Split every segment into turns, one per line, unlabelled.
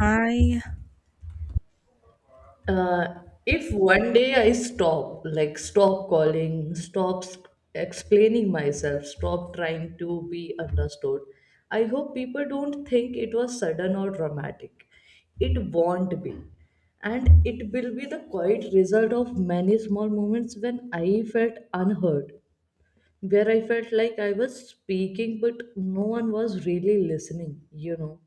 I
Uh, if one day I stop, like stop calling, stop s- explaining myself, stop trying to be understood, I hope people don't think it was sudden or dramatic. It won't be. And it will be the quiet result of many small moments when I felt unheard, where I felt like I was speaking, but no one was really listening, you know.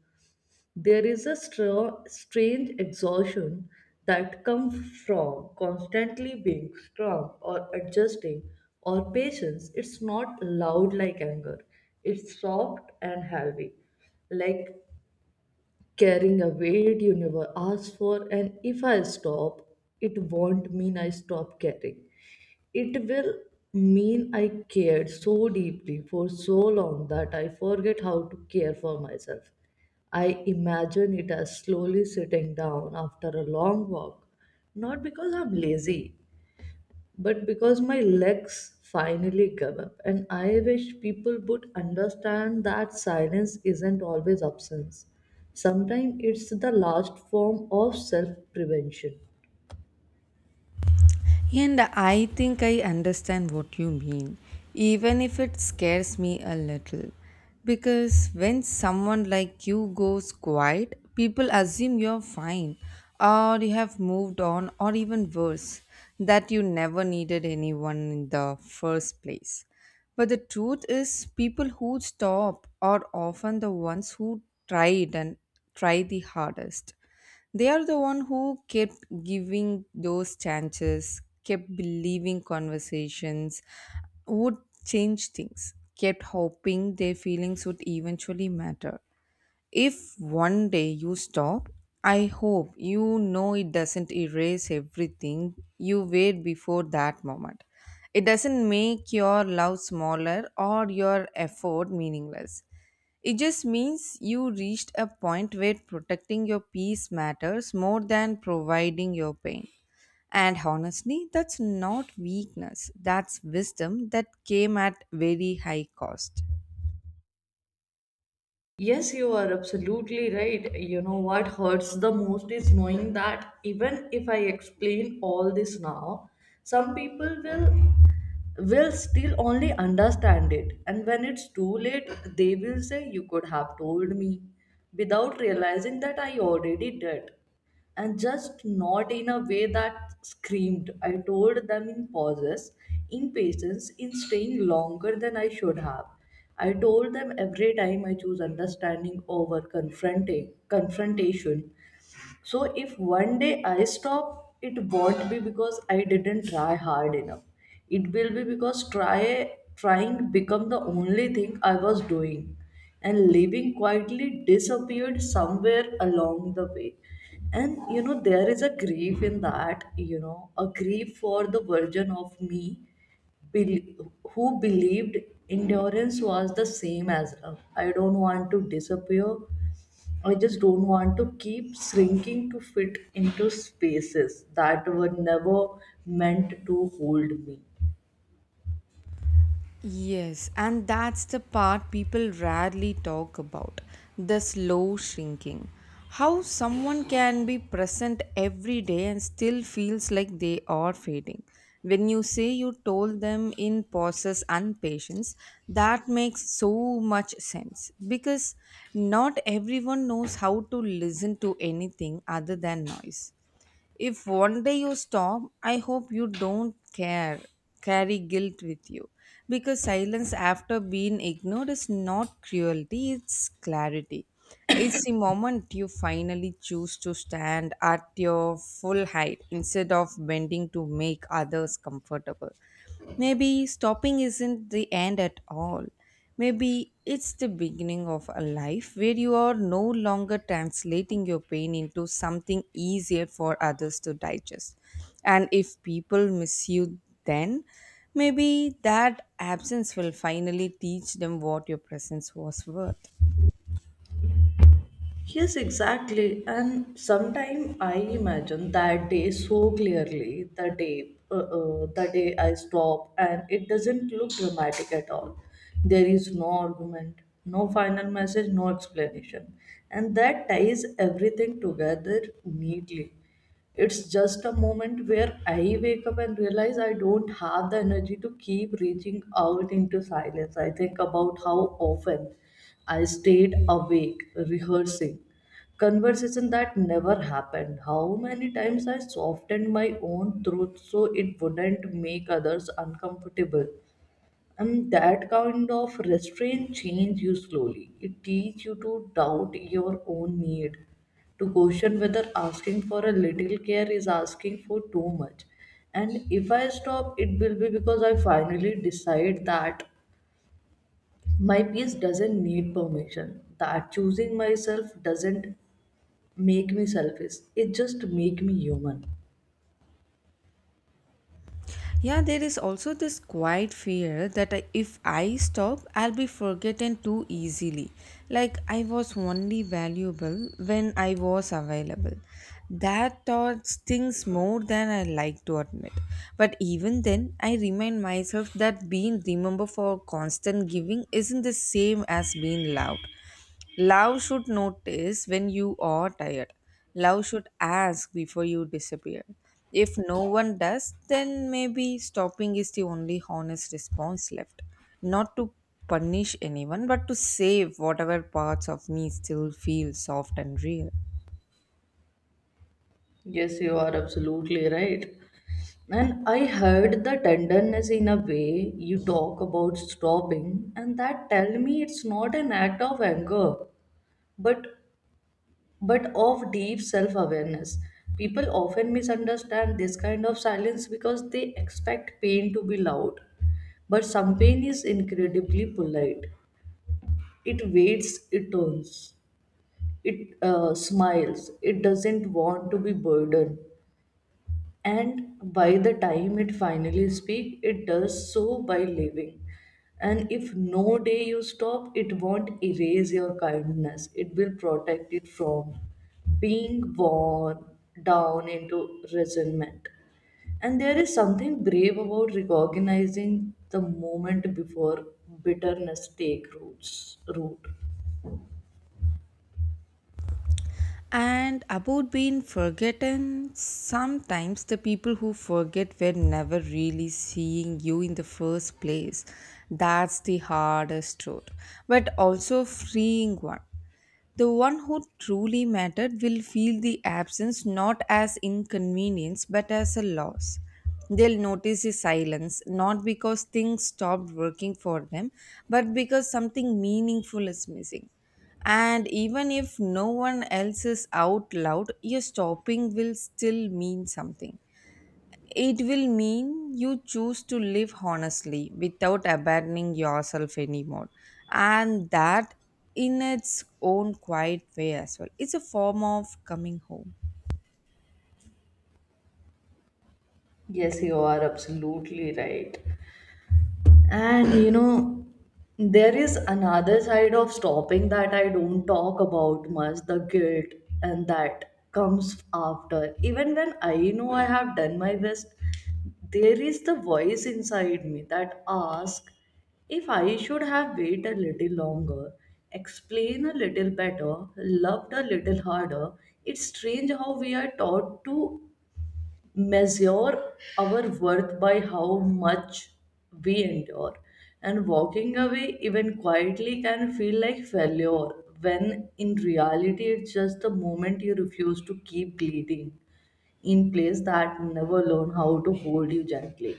There is a strange exhaustion that comes from constantly being strong or adjusting or patience. It's not loud like anger, it's soft and heavy. Like carrying a weight you never asked for, and if I stop, it won't mean I stop caring. It will mean I cared so deeply for so long that I forget how to care for myself. I imagine it as slowly sitting down after a long walk, not because I'm lazy, but because my legs finally gave up, and I wish people would understand that silence isn't always absence. Sometimes it's the last form of self prevention.
and I think I understand what you mean, even if it scares me a little. Because when someone like you goes quiet, people assume you're fine, or you have moved on, or even worse, that you never needed anyone in the first place. But the truth is, people who stop are often the ones who tried and try the hardest. They are the one who kept giving those chances, kept believing conversations would change things, kept hoping their feelings would eventually matter. If one day you stop, I hope you know it doesn't erase everything you were before that moment. It doesn't make your love smaller or your effort meaningless. It just means you reached a point where protecting your peace matters more than providing your pain. And honestly, that's not weakness, that's wisdom that came at very high cost.
Yes, you are absolutely right. What hurts the most is knowing that even if I explain all this now, some people will still only understand it. And when it's too late, they will say, "You could have told me," without realizing that I already did. And just not in a way that screamed. I told them in pauses, in patience, in staying longer than I should have. I told them every time I choose understanding over confronting confrontation. So if one day I stop, it won't be because I didn't try hard enough. It will be because trying become the only thing I was doing, and living quietly disappeared somewhere along the way. There is a grief in that, a grief for the version of me bel- who believed endurance was the same as love. I don't want to disappear. I just don't want to keep shrinking to fit into spaces that were never meant to hold me.
Yes, and that's the part people rarely talk about the slow shrinking. How someone can be present every day and still feels like they are fading. When you say you told them in pauses and patience, that makes so much sense because not everyone knows how to listen to anything other than noise. If one day you stop, I hope you don't care, carry guilt with you. Because silence after being ignored is not cruelty, it's clarity. It's the moment you finally choose to stand at your full height instead of bending to make others comfortable. Maybe stopping isn't the end at all. Maybe it's the beginning of a life where you are no longer translating your pain into something easier for others to digest. And if people miss you, then maybe that absence will finally teach them what your presence was worth.
Yes, exactly. And sometimes I imagine that day so clearly, the day I stop, and it doesn't look dramatic at all. There is no argument, no final message, no explanation, and that ties everything together neatly. It's just a moment where I wake up and realize I don't have the energy to keep reaching out into silence. I think about how often I stayed awake rehearsing conversation that never happened. How many times I softened my own truth so it wouldn't make others uncomfortable. And that kind of restraint change you slowly. It teaches you to doubt your own need, to question whether asking for a little care is asking for too much. And if I stop, it will be because I finally decide that my peace doesn't need permission, that choosing myself doesn't make me selfish, it just make me human.
Yeah, there is also this quiet fear that if I stop, I'll be forgotten too easily. Like I was only valuable when I was available. That thought stings more than I like to admit. But even then, I remind myself that being remembered for constant giving isn't the same as being loved. Love should notice when you are tired. Love should ask before you disappear. If no one does, then maybe stopping is the only honest response left. Not to punish anyone, but to save whatever parts of me still feel soft and real.
Yes, you are absolutely right. And I heard the tenderness in a way you talk about stopping, and that tell me it's not an act of anger, but of deep self-awareness. People often misunderstand this kind of silence because they expect pain to be loud. But some pain is incredibly polite. It waits, it turns, it smiles, it doesn't want to be burdened. And by the time it finally speak, it does so by living. And if no day you stop, it won't erase your kindness, it will protect it from being worn down into resentment. And there is something brave about recognizing the moment before bitterness take root.
And about being forgotten, sometimes the people who forget were never really seeing you in the first place. That's the hardest truth, but also freeing one. The one who truly mattered will feel the absence not as inconvenience but as a loss. They'll notice his silence, not because things stopped working for them, but because something meaningful is missing. And even if no one else is out loud, your stopping will still mean something. It will mean you choose to live honestly without abandoning yourself anymore. And that, in its own quiet way as well, it's a form of coming home.
Yes, you are absolutely right. And you know, there is another side of stopping that I don't talk about much, the guilt and that comes after. Even when I know I have done my best, there is the voice inside me that asks if I should have waited a little longer, explain a little better, loved a little harder. It's strange how we are taught to measure our worth by how much we endure. And walking away, even quietly, can feel like failure when in reality it's just the moment you refuse to keep bleeding in place that never learn how to hold you gently.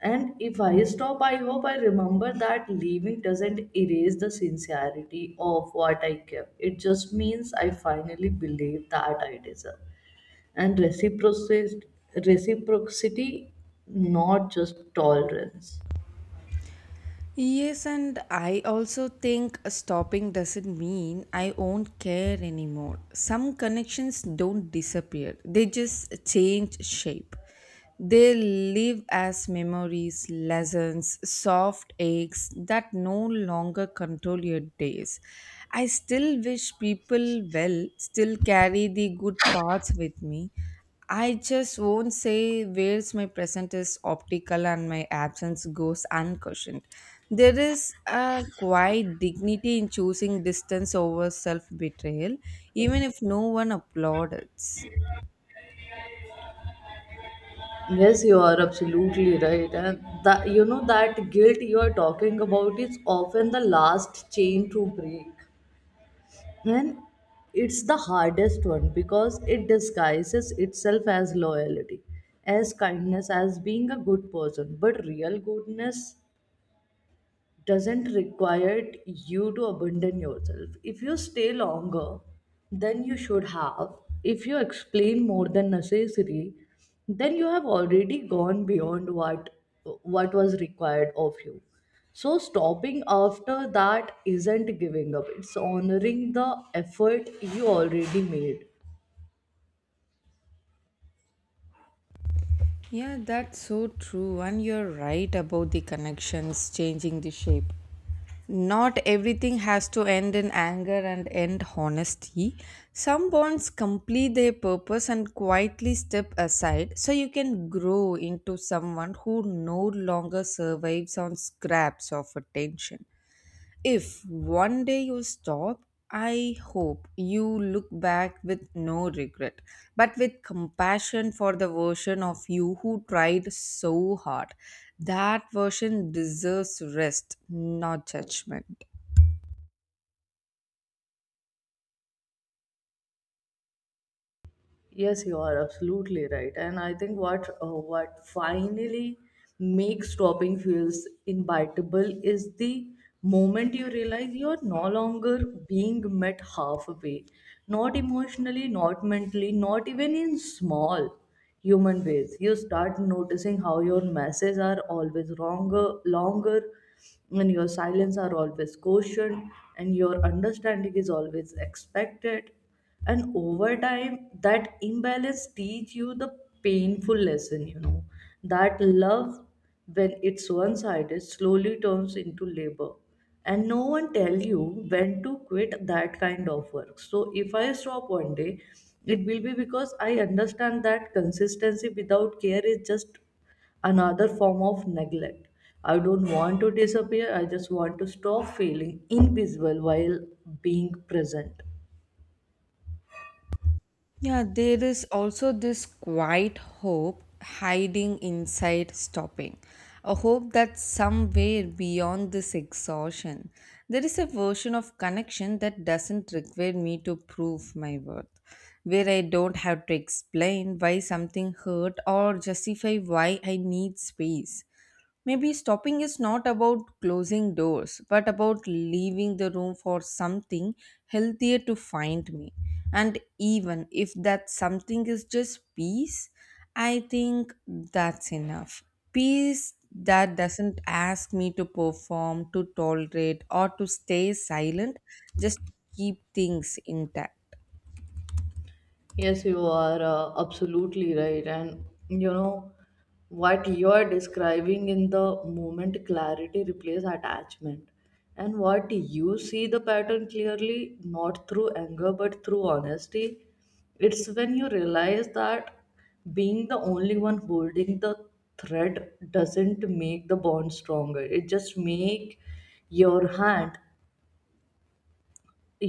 And if I stop, I hope I remember that leaving doesn't erase the sincerity of what I kept. It just means I finally believe that I deserve and reciprocity, not just tolerance.
Yes, and I also think stopping doesn't mean I won't care anymore. Some connections don't disappear, they just change shape. They live as memories, lessons, soft aches that no longer control your days. I still wish people well, still carry the good parts with me, I just won't say where's my present is optical and my absence goes unquestioned. There is a quiet dignity in choosing distance over self betrayal, even if no one applauds.
Yes, you are absolutely right. And that guilt you are talking about is often the last chain to break, and it's the hardest one because it disguises itself as loyalty, as kindness, as being a good person. But real goodness doesn't require you to abandon yourself. If you stay longer than you should have, if you explain more than necessary, then you have already gone beyond what was required of you. So stopping after that isn't giving up. It's honoring the effort you already made.
Yeah, that's so true. And you're right about the connections changing the shape. Not everything has to end in anger and end honesty. Some bonds complete their purpose and quietly step aside so you can grow into someone who no longer survives on scraps of attention. If one day you stop, I hope you look back with no regret, but with compassion for the version of you who tried so hard. That version deserves rest, not judgment.
Yes, you are absolutely right. And I think what finally makes stopping fuels inevitable is the moment you realize you are no longer being met halfway, not emotionally, not mentally, not even in small human ways. You start noticing how your messages are always longer, and your silence are always cautioned, and your understanding is always expected. And over time that imbalance teach you the painful lesson, that love, when it's one-sided, slowly turns into labor. And no one tell you when to quit that kind of work. So if I stop one day, it will be because I understand that consistency without care is just another form of neglect. I don't want to disappear, I just want to stop feeling invisible while being present.
Yeah, there is also this quiet hope hiding inside stopping. A hope that somewhere beyond this exhaustion, there is a version of connection that doesn't require me to prove my worth, where I don't have to explain why something hurt or justify why I need space. Maybe stopping is not about closing doors, but about leaving the room for something healthier to find me. And even if that something is just peace, I think that's enough. Peace that doesn't ask me to perform, to tolerate, or to stay silent, just keep things intact.
Yes, you are absolutely right. What you are describing in the moment clarity replaces attachment. And what you see the pattern clearly, not through anger, but through honesty. It's when you realize that being the only one holding the thread doesn't make the bond stronger. It just make your hand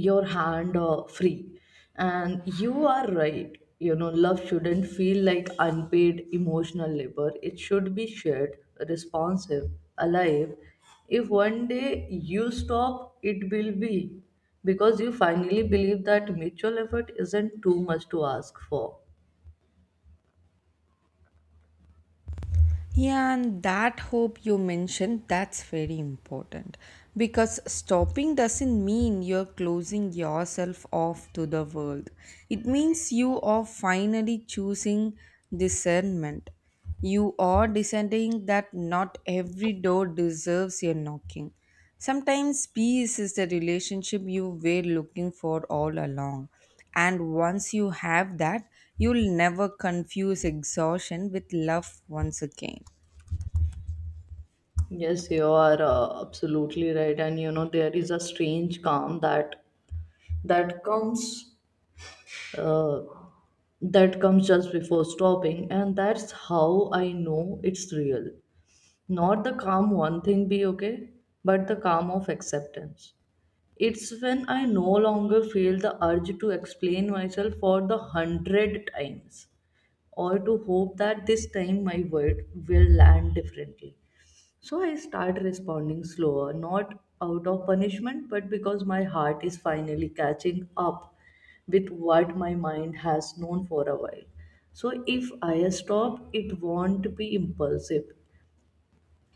your hand free. And you are right, love shouldn't feel like unpaid emotional labor. It should be shared, responsive, alive. If one day you stop, it will be because you finally believe that mutual effort isn't too much to ask for.
Yeah, and that hope you mentioned, that's very important because stopping doesn't mean you're closing yourself off to the world. It means you are finally choosing discernment. You are deciding that not every door deserves your knocking. Sometimes peace is the relationship you were looking for all along. And once you have that, you'll never confuse exhaustion with love once again.
Yes, you are absolutely right. and you know there is a strange calm that comes uh, that comes just before stopping, and that's how I know it's real. Not the calm one thing be okay, but the calm of acceptance. It's when I no longer feel the urge to explain myself for the hundred times, or to hope that this time my word will land differently. So I start responding slower, not out of punishment, but because my heart is finally catching up with what my mind has known for a while. So if I stop, it won't be impulsive.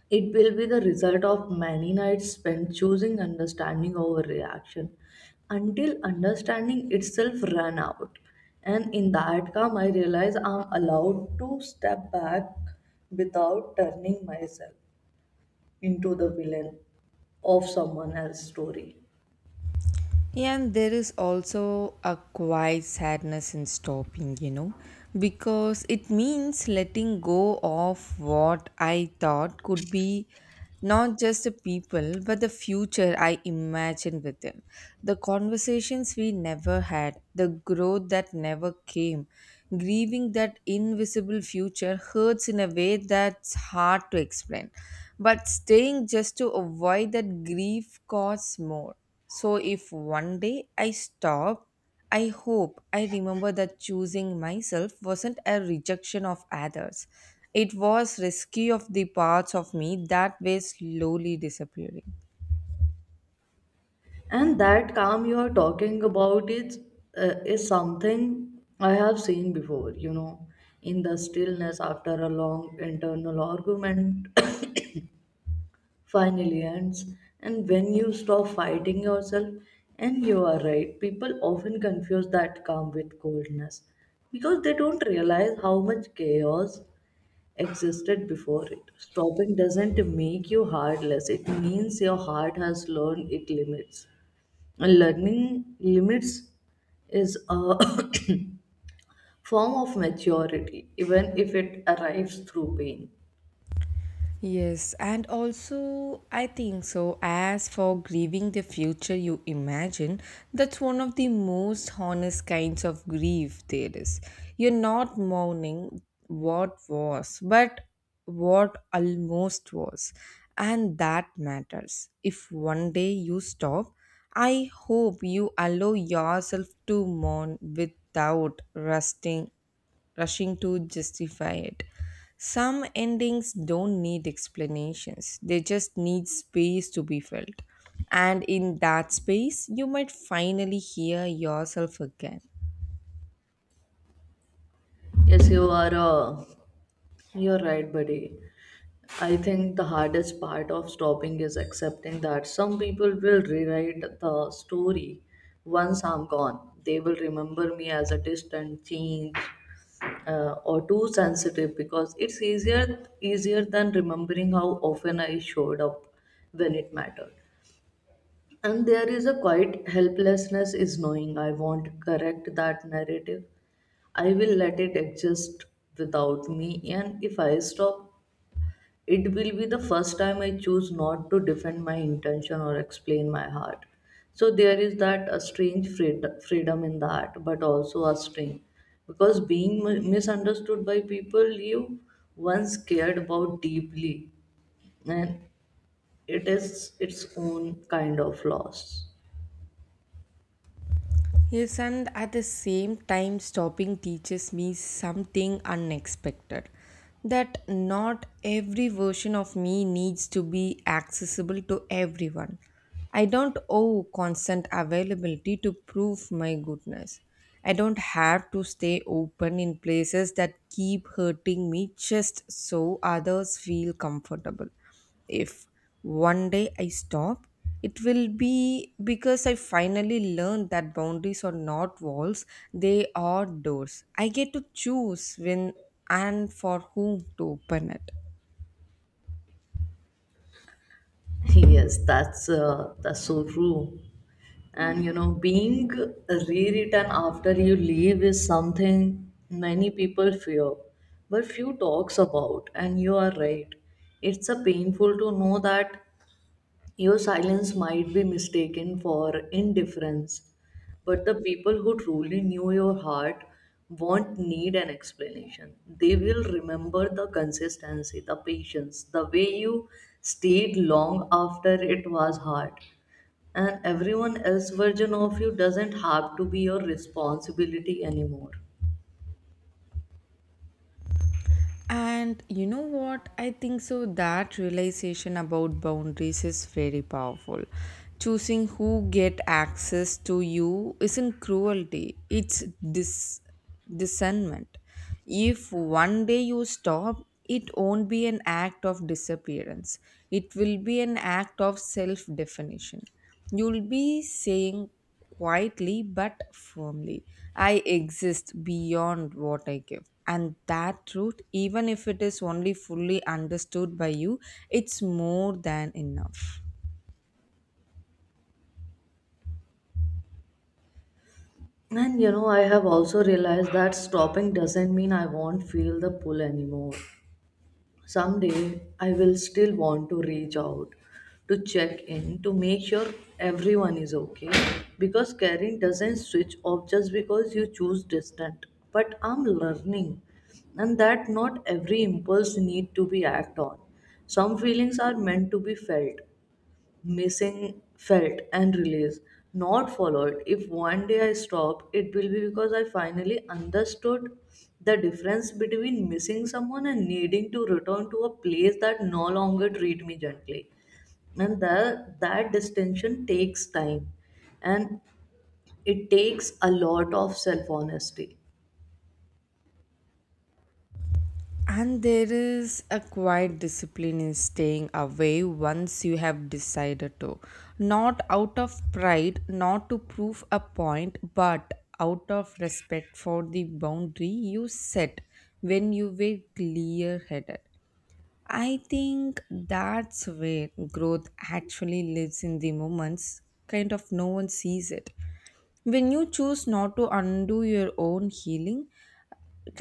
It will be the result of many nights spent choosing understanding over reaction until understanding itself ran out. And in that calm, I realize I'm allowed to step back without turning myself into the villain of someone else's story.
And there is also a quiet sadness in stopping, you know, because it means letting go of what I thought could be not just the people, but the future I imagined with them. The conversations we never had, the growth that never came, grieving that invisible future hurts in a way that's hard to explain. But staying just to avoid that grief costs more. So if one day I stop, I hope I remember that choosing myself wasn't a rejection of others. It was rescue of the parts of me that were slowly disappearing.
And that calm you are talking about is something I have seen before. You know, in the stillness after a long internal argument finally ends, and when you stop fighting yourself. And you are right. People often confuse that calm with coldness because they don't realize how much chaos existed before it. Stopping doesn't make you heartless, it means your heart has learned its limits. And learning limits is a form of maturity, even if it arrives through pain.
Yes, and also I think so. As for grieving the future you imagine, that's one of the most honest kinds of grief there is. You're not mourning what was, but what almost was. And that matters. If one day you stop, I hope you allow yourself to mourn without rushing to justify it. Some endings don't need explanations, they just need space to be felt. And in that space, you might finally hear yourself again.
Yes, you are you're right, buddy. I think the hardest part of stopping is accepting that some people will rewrite the story once I'm gone. They will remember me as a distant change, or too sensitive, because it's easier than remembering how often I showed up when it mattered. And there is a quiet helplessness is knowing I won't correct that narrative. I will let it exist without me. And if I stop, it will be the first time I choose not to defend my intention or explain my heart. So there is that, a strange freedom in that, but also a strain. Because being misunderstood by people you once cared about deeply, and it is its own kind of loss.
Yes, and at the same time, stopping teaches me something unexpected. That not every version of me needs to be accessible to everyone. I don't owe constant availability to prove my goodness. I don't have to stay open in places that keep hurting me just so others feel comfortable. If one day I stop, it will be because I finally learned that boundaries are not walls, they are doors. I get to choose when and for whom to open it.
Yes, that's so true. And you know, being rewritten after you leave is something many people fear, but few talks about. And you are right. It's a painful to know that your silence might be mistaken for indifference, but the people who truly knew your heart won't need an explanation. They will remember the consistency, the patience, the way you stayed long after it was hard. And everyone else's version of you doesn't have to be your responsibility anymore.
And you know what? I think so that realization about boundaries is very powerful. Choosing who get access to you isn't cruelty, it's dis- discernment. If one day you stop, it won't be an act of disappearance. It will be an act of self definition. You'll be saying quietly but firmly. I exist beyond what I give. And that truth, even if it is only fully understood by you, it's more than enough.
And you know, I have also realized that stopping doesn't mean I won't feel the pull anymore. Someday, I will still want to reach out to check in to make sure everyone is okay, because caring doesn't switch off just because you choose distant. But I'm learning, and that not every impulse need to be act on. Some feelings are meant to be felt, missing felt and release not followed. If one day I stop, it will be because I finally understood the difference between missing someone and needing to return to a place that no longer treat me gently. And that that distinction takes time, and it takes a lot of self honesty.
And there is a quiet discipline in staying away once you have decided to. Not out of pride, not to prove a point, but out of respect for the boundary you set when you were clear headed. I think that's where growth actually lives in the moments, kind of no one sees it. When you choose not to undo your own healing,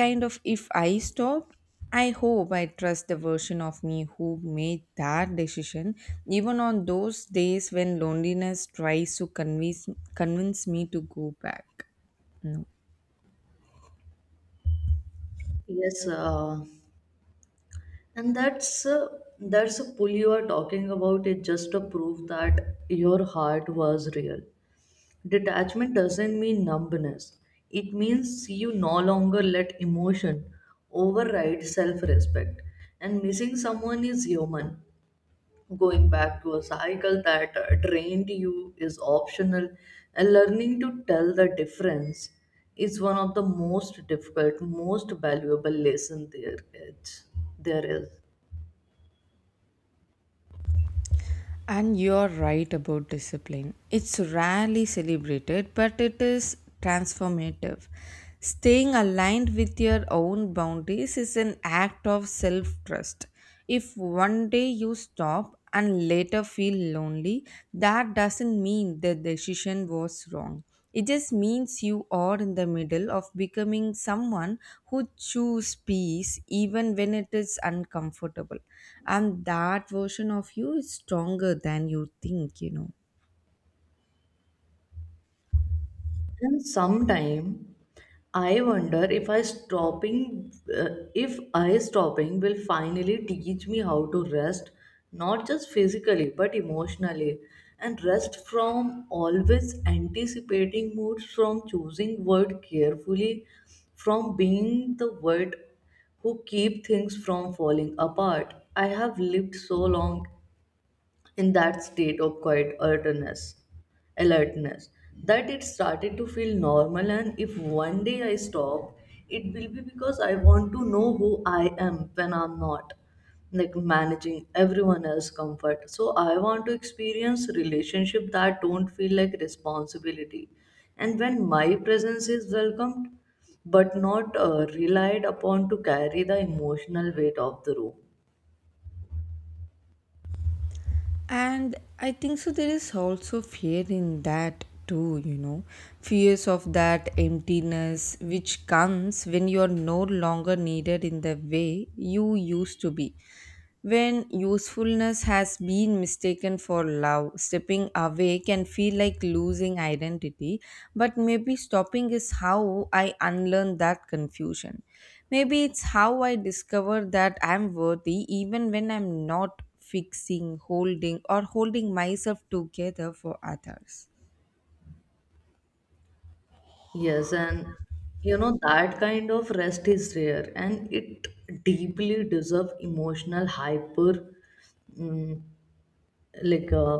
kind of if I stop, I hope I trust the version of me who made that decision, even on those days when loneliness tries to convince me to go back. No.
Yes. And that's that's a pull you are talking about, it just a proof that your heart was real. Detachment doesn't mean numbness. It means you no longer let emotion override self respect. And missing someone is human. Going back to a cycle that drained you is optional. And learning to tell the difference is one of the most difficult, most valuable lesson there is.
And you're right about discipline. It's rarely celebrated, but it is transformative. Staying aligned with your own boundaries is an act of self trust. If one day you stop and later feel lonely, that doesn't mean the decision was wrong. It just means you are in the middle of becoming someone who choose peace even when it is uncomfortable. And that version of you is stronger than you think, you know.
And sometime I wonder uh, if I stopping will finally teach me how to rest, not just physically but emotionally, and rest from always anticipating moods, from choosing word carefully, from being the word who keep things from falling apart. I have lived so long in that state of quiet alertness that it started to feel normal. And if one day I stop, it will be because I want to know who I am when I'm not like managing everyone else's comfort. So I want to experience relationship that don't feel like responsibility. And when my presence is welcomed, but not relied upon to carry the emotional weight of the room.
And I think so, there is also fear in that too, you know. Fears of that emptiness which comes when you are no longer needed in the way you used to be. When usefulness has been mistaken for love stepping away can feel like losing identity, but maybe stopping is how I unlearn that confusion. Maybe it's how I discover that I'm worthy even when I'm not fixing holding or holding myself together for others.
Yes, and you know that kind of rest is rare, and it deeply deserves emotional hyper mm, like uh,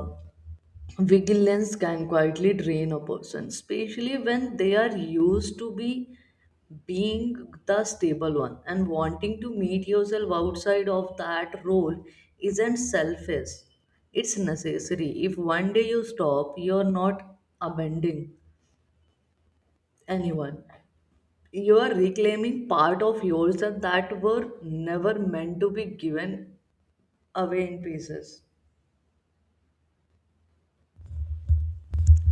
vigilance can quietly drain a person, especially when they are used to be being the stable one, and wanting to meet yourself outside of that role isn't selfish. It's necessary. If one day you stop, you're not abandoning anyone, you are reclaiming part of yourself that were never meant to be given away in pieces.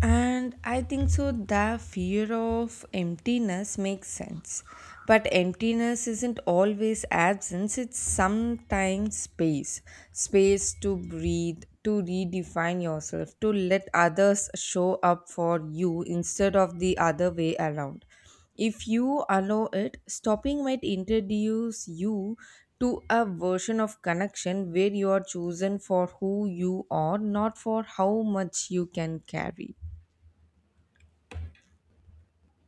And I think so the fear of emptiness makes sense. But emptiness isn't always absence, it's sometimes space. Space to breathe, to redefine yourself, to let others show up for you instead of the other way around. If you allow it, stopping might introduce you to a version of connection where you are chosen for who you are, not for how much you can carry.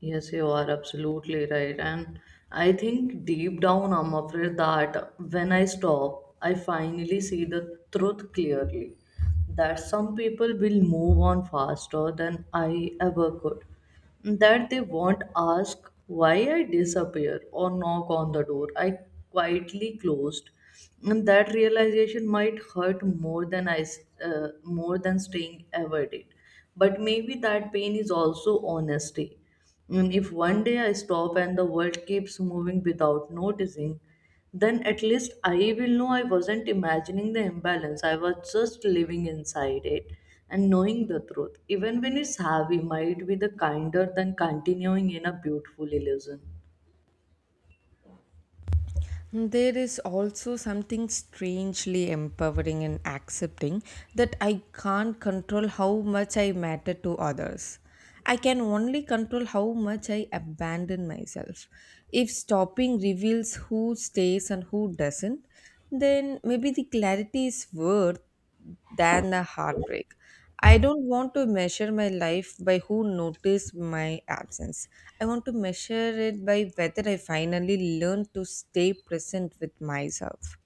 Yes, you are absolutely right. And I think deep down, I'm afraid that when I stop, I finally see the truth clearly that some people will move on faster than I ever could. That they won't ask why I disappear or knock on the door I quietly closed. And that realization might hurt more than more than staying ever did. But maybe that pain is also honesty, and if one day I stop and the world keeps moving without noticing, then at least I will know I wasn't imagining the imbalance. I was just living inside it, and knowing the truth, even when it's heavy, might be the kinder than continuing in a beautiful illusion.
There is also something strangely empowering in accepting that I can't control how much I matter to others. I can only control how much I abandon myself. If stopping reveals who stays and who doesn't, then maybe the clarity is worth than a heartbreak. I don't want to measure my life by who noticed my absence. I want to measure it by whether I finally learned to stay present with myself.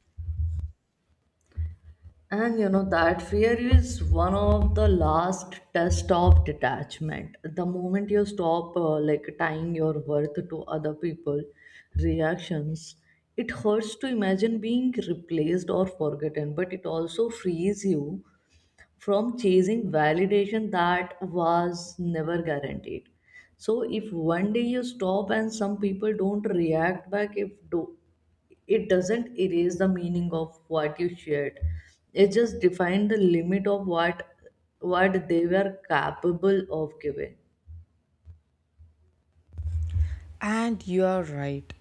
And you know that fear is one of the last test of detachment. The moment you stop like tying your worth to other people reactions, it hurts to imagine being replaced or forgotten, but it also frees you from chasing validation that was never guaranteed. So if one day you stop and some people don't react back, if do, it doesn't erase the meaning of what you shared. It just defined the limit of what they were capable of giving.
And you're right.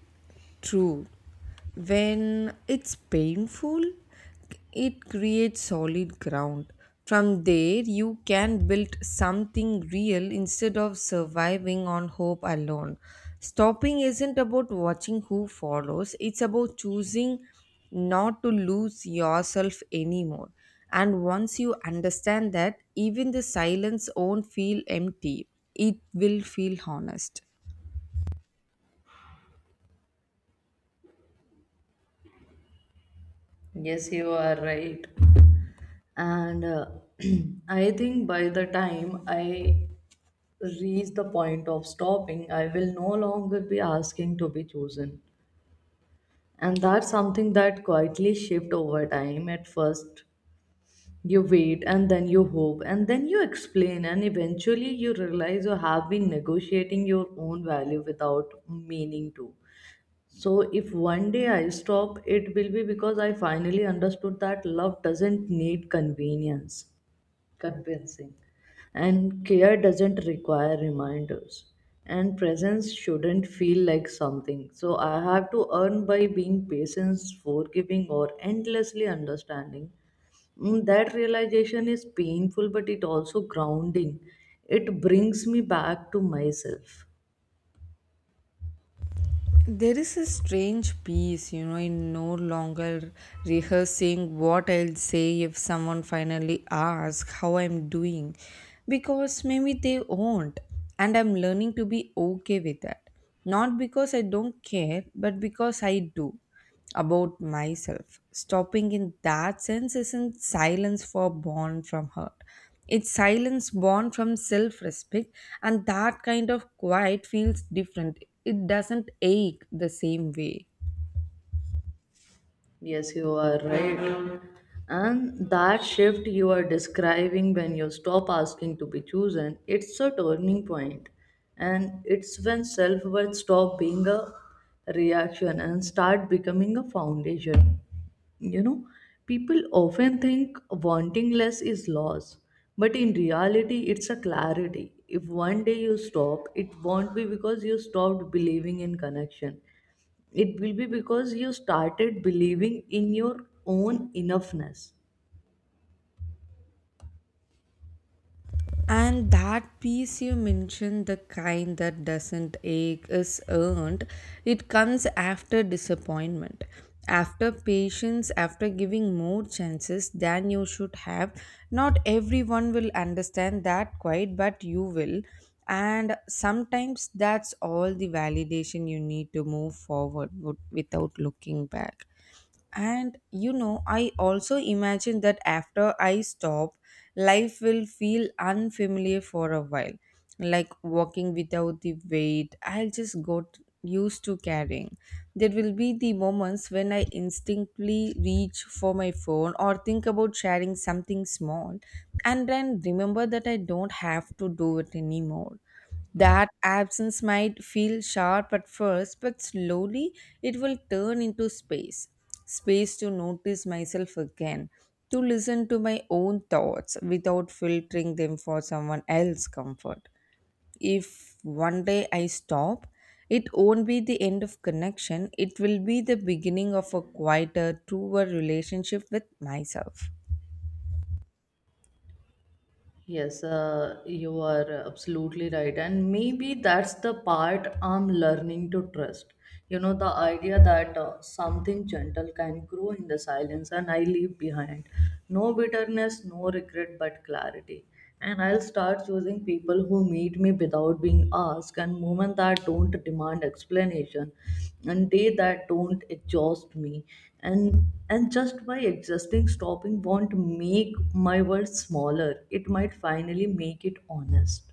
True. When it's painful, it creates solid ground. From there, you can build something real instead of surviving on hope alone. Stopping isn't about watching who follows, it's about choosing not to lose yourself anymore. And once you understand that, even the silence won't feel empty, it will feel honest.
Yes, you are right. And I think by the time I reach the point of stopping, I will no longer be asking to be chosen. And that's something that quietly shift over time. At first, you wait, and then you hope, and then you explain, and eventually, you realize you have been negotiating your own value without meaning to. So, if one day I stop, it will be because I finally understood that love doesn't need convenience convincing. And care doesn't require reminders. And presence shouldn't feel like something. So I have to earn by being patient, forgiving, or endlessly understanding. Mm, that realization is painful, but it also grounding. It brings me back to myself.
There is a strange peace, you know, in no longer rehearsing what I'll say if someone finally asks how I'm doing, because maybe they won't, and I'm learning to be okay with that. Not because I don't care, but because I do about myself. Stopping in that sense isn't silence for born from hurt. It's silence born from self respect, and that kind of quiet feels different. It doesn't ache the same way.
Yes, you are right. And that shift you are describing, when you stop asking to be chosen, it's a turning point. And it's when self worth stop being a reaction and start becoming a foundation. You know, people often think wanting less is loss, but in reality, it's a clarity. If one day you stop, it won't be because you stopped believing in connection. It will be because you started believing in your own enoughness.
And that piece you mentioned, the kind that doesn't ache, is earned. It comes after disappointment, after patience, after giving more chances than you should have. Not everyone will understand that quite, but you will. And sometimes that's all the validation you need to move forward without looking back. And you know, I also imagine that after I stop, life will feel unfamiliar for a while. Like walking without the weight, I'll just got used to carrying. There will be the moments when I instinctively reach for my phone or think about sharing something small and then remember that I don't have to do it anymore. That absence might feel sharp at first, but slowly it will turn into space. Space to notice myself again, to listen to my own thoughts without filtering them for someone else's comfort. If one day I stop, it won't be the end of connection, it will be the beginning of a quieter, truer relationship with myself.
Yes, you are absolutely right. And maybe that's the part I'm learning to trust. You know, the idea that something gentle can grow in the silence and I leave behind. No bitterness, no regret, but clarity. And I'll start choosing people who meet me without being asked, and moments that don't demand explanation, and day that don't exhaust me, and and just by existing, stopping won't make my world smaller, it might finally make it honest.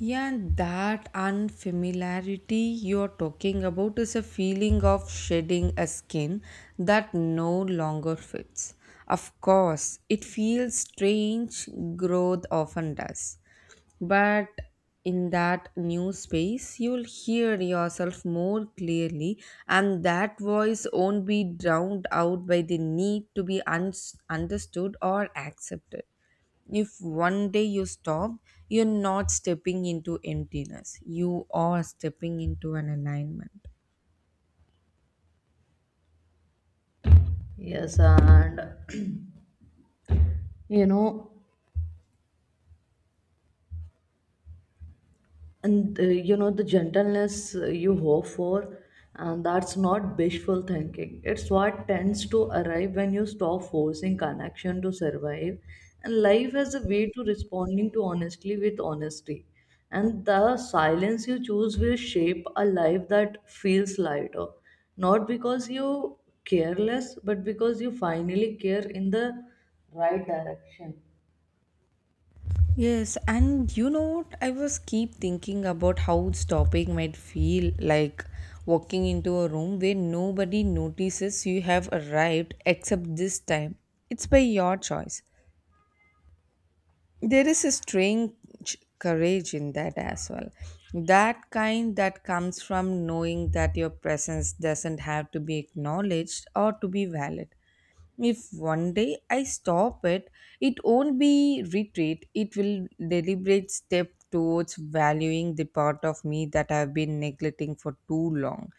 Yeah, that unfamiliarity you're talking about is a feeling of shedding a skin that no longer fits. Of course, it feels strange, growth often does. But in that new space, you'll hear yourself more clearly, and that voice won't be drowned out by the need to be understood or accepted. If one day you stop, you're not stepping into emptiness, you are stepping into an alignment.
Yes, and you know, and you know the gentleness you hope for, and that's not wishful thinking, it's what tends to arrive when you stop forcing connection to survive. And life has a way to responding to honestly with honesty, and the silence you choose will shape a life that feels lighter, not because you careless, but because you finally care in the right direction.
Yes, and you know what? I was keep thinking about how stopping might feel like walking into a room where nobody notices you have arrived except this time. It's by your choice. There is a strange courage in that as well. That kind that comes from knowing that your presence doesn't have to be acknowledged or to be valid. If one day I stop it, it won't be retreat. It will deliberate step towards valuing the part of me that I've been neglecting for too long.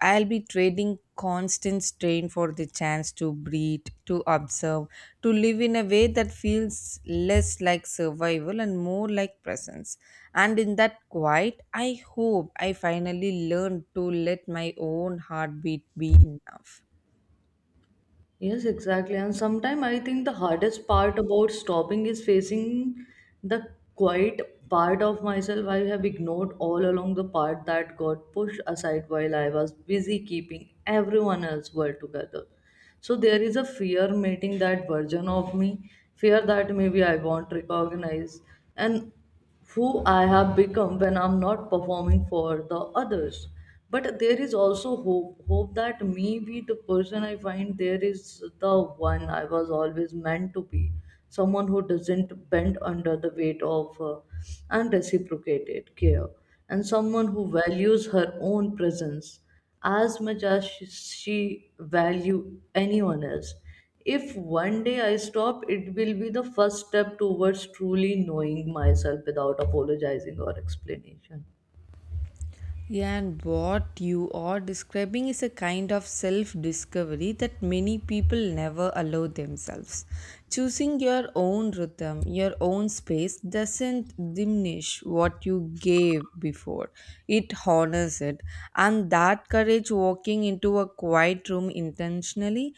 I'll be trading constant strain for the chance to breathe, to observe, to live in a way that feels less like survival and more like presence. And in that quiet, I hope I finally learn to let my own heartbeat be enough.
Yes, exactly. And sometimes I think the hardest part about stopping is facing the quiet part of myself I have ignored all along, the part that got pushed aside while I was busy keeping everyone else well together. So there is a fear meeting that version of me, fear that maybe I won't recognize and who I have become when I'm not performing for the others. But there is also hope, hope that maybe the person I find there is the one I was always meant to be, someone who doesn't bend under the weight of unreciprocated care, and someone who values her own presence as much as she value anyone else. If one day I stop, it will be the first step towards truly knowing myself without apologizing or explanation.
Yeah, and what you are describing is a kind of self discovery that many people never allow themselves. Choosing your own rhythm, your own space doesn't diminish what you gave before, it honors it. And that courage walking into a quiet room intentionally.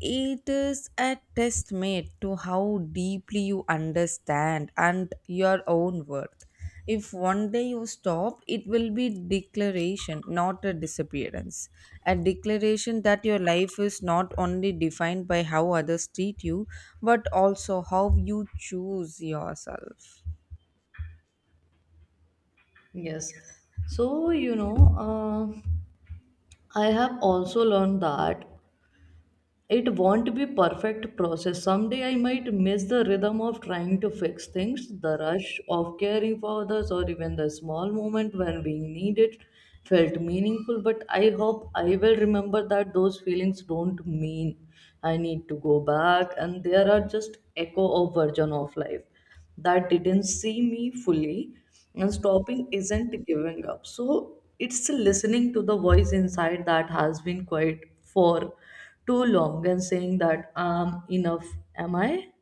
It is a testament to how deeply you understand and your own worth. If one day you stop, it will be declaration, not a disappearance, a declaration that your life is not only defined by how others treat you, but also how you choose yourself.
Yes. So, you know, uh, I have also learned that it won't be perfect process. Someday I might miss the rhythm of trying to fix things, the rush of caring for others, or even the small moment when being needed felt meaningful. But I hope I will remember that those feelings don't mean I need to go back, and there are just echo of version of life that didn't see me fully. And stopping isn't giving up, so it's listening to the voice inside that has been quiet for too long, and saying that I'm enough, am I?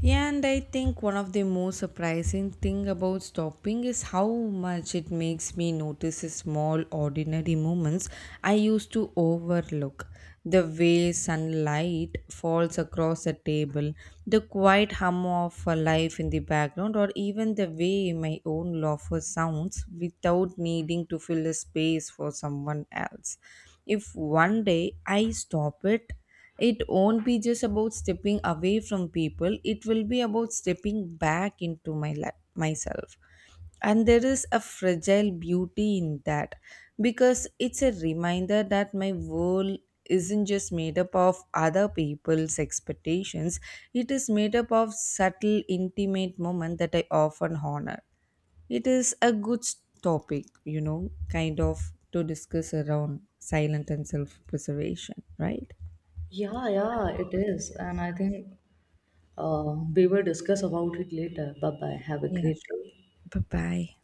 Yeah, and I think one of the most surprising thing about stopping is how much it makes me notice the small ordinary moments I used to overlook. The way sunlight falls across a table, the quiet hum of a life in the background, or even the way my own laughter sounds without needing to fill a space for someone else. If one day I stop it, it won't be just about stepping away from people, it will be about stepping back into my life myself. And there is a fragile beauty in that because it's a reminder that my world isn't just made up of other people's expectations, it is made up of subtle, intimate moments that I often honor. It is a good topic, you know, kind of to discuss around silent and self preservation, right?
Yeah, it is. And I think we will discuss about it later. Bye bye. Have a
Yeah,
great day.
sure. Bye-bye.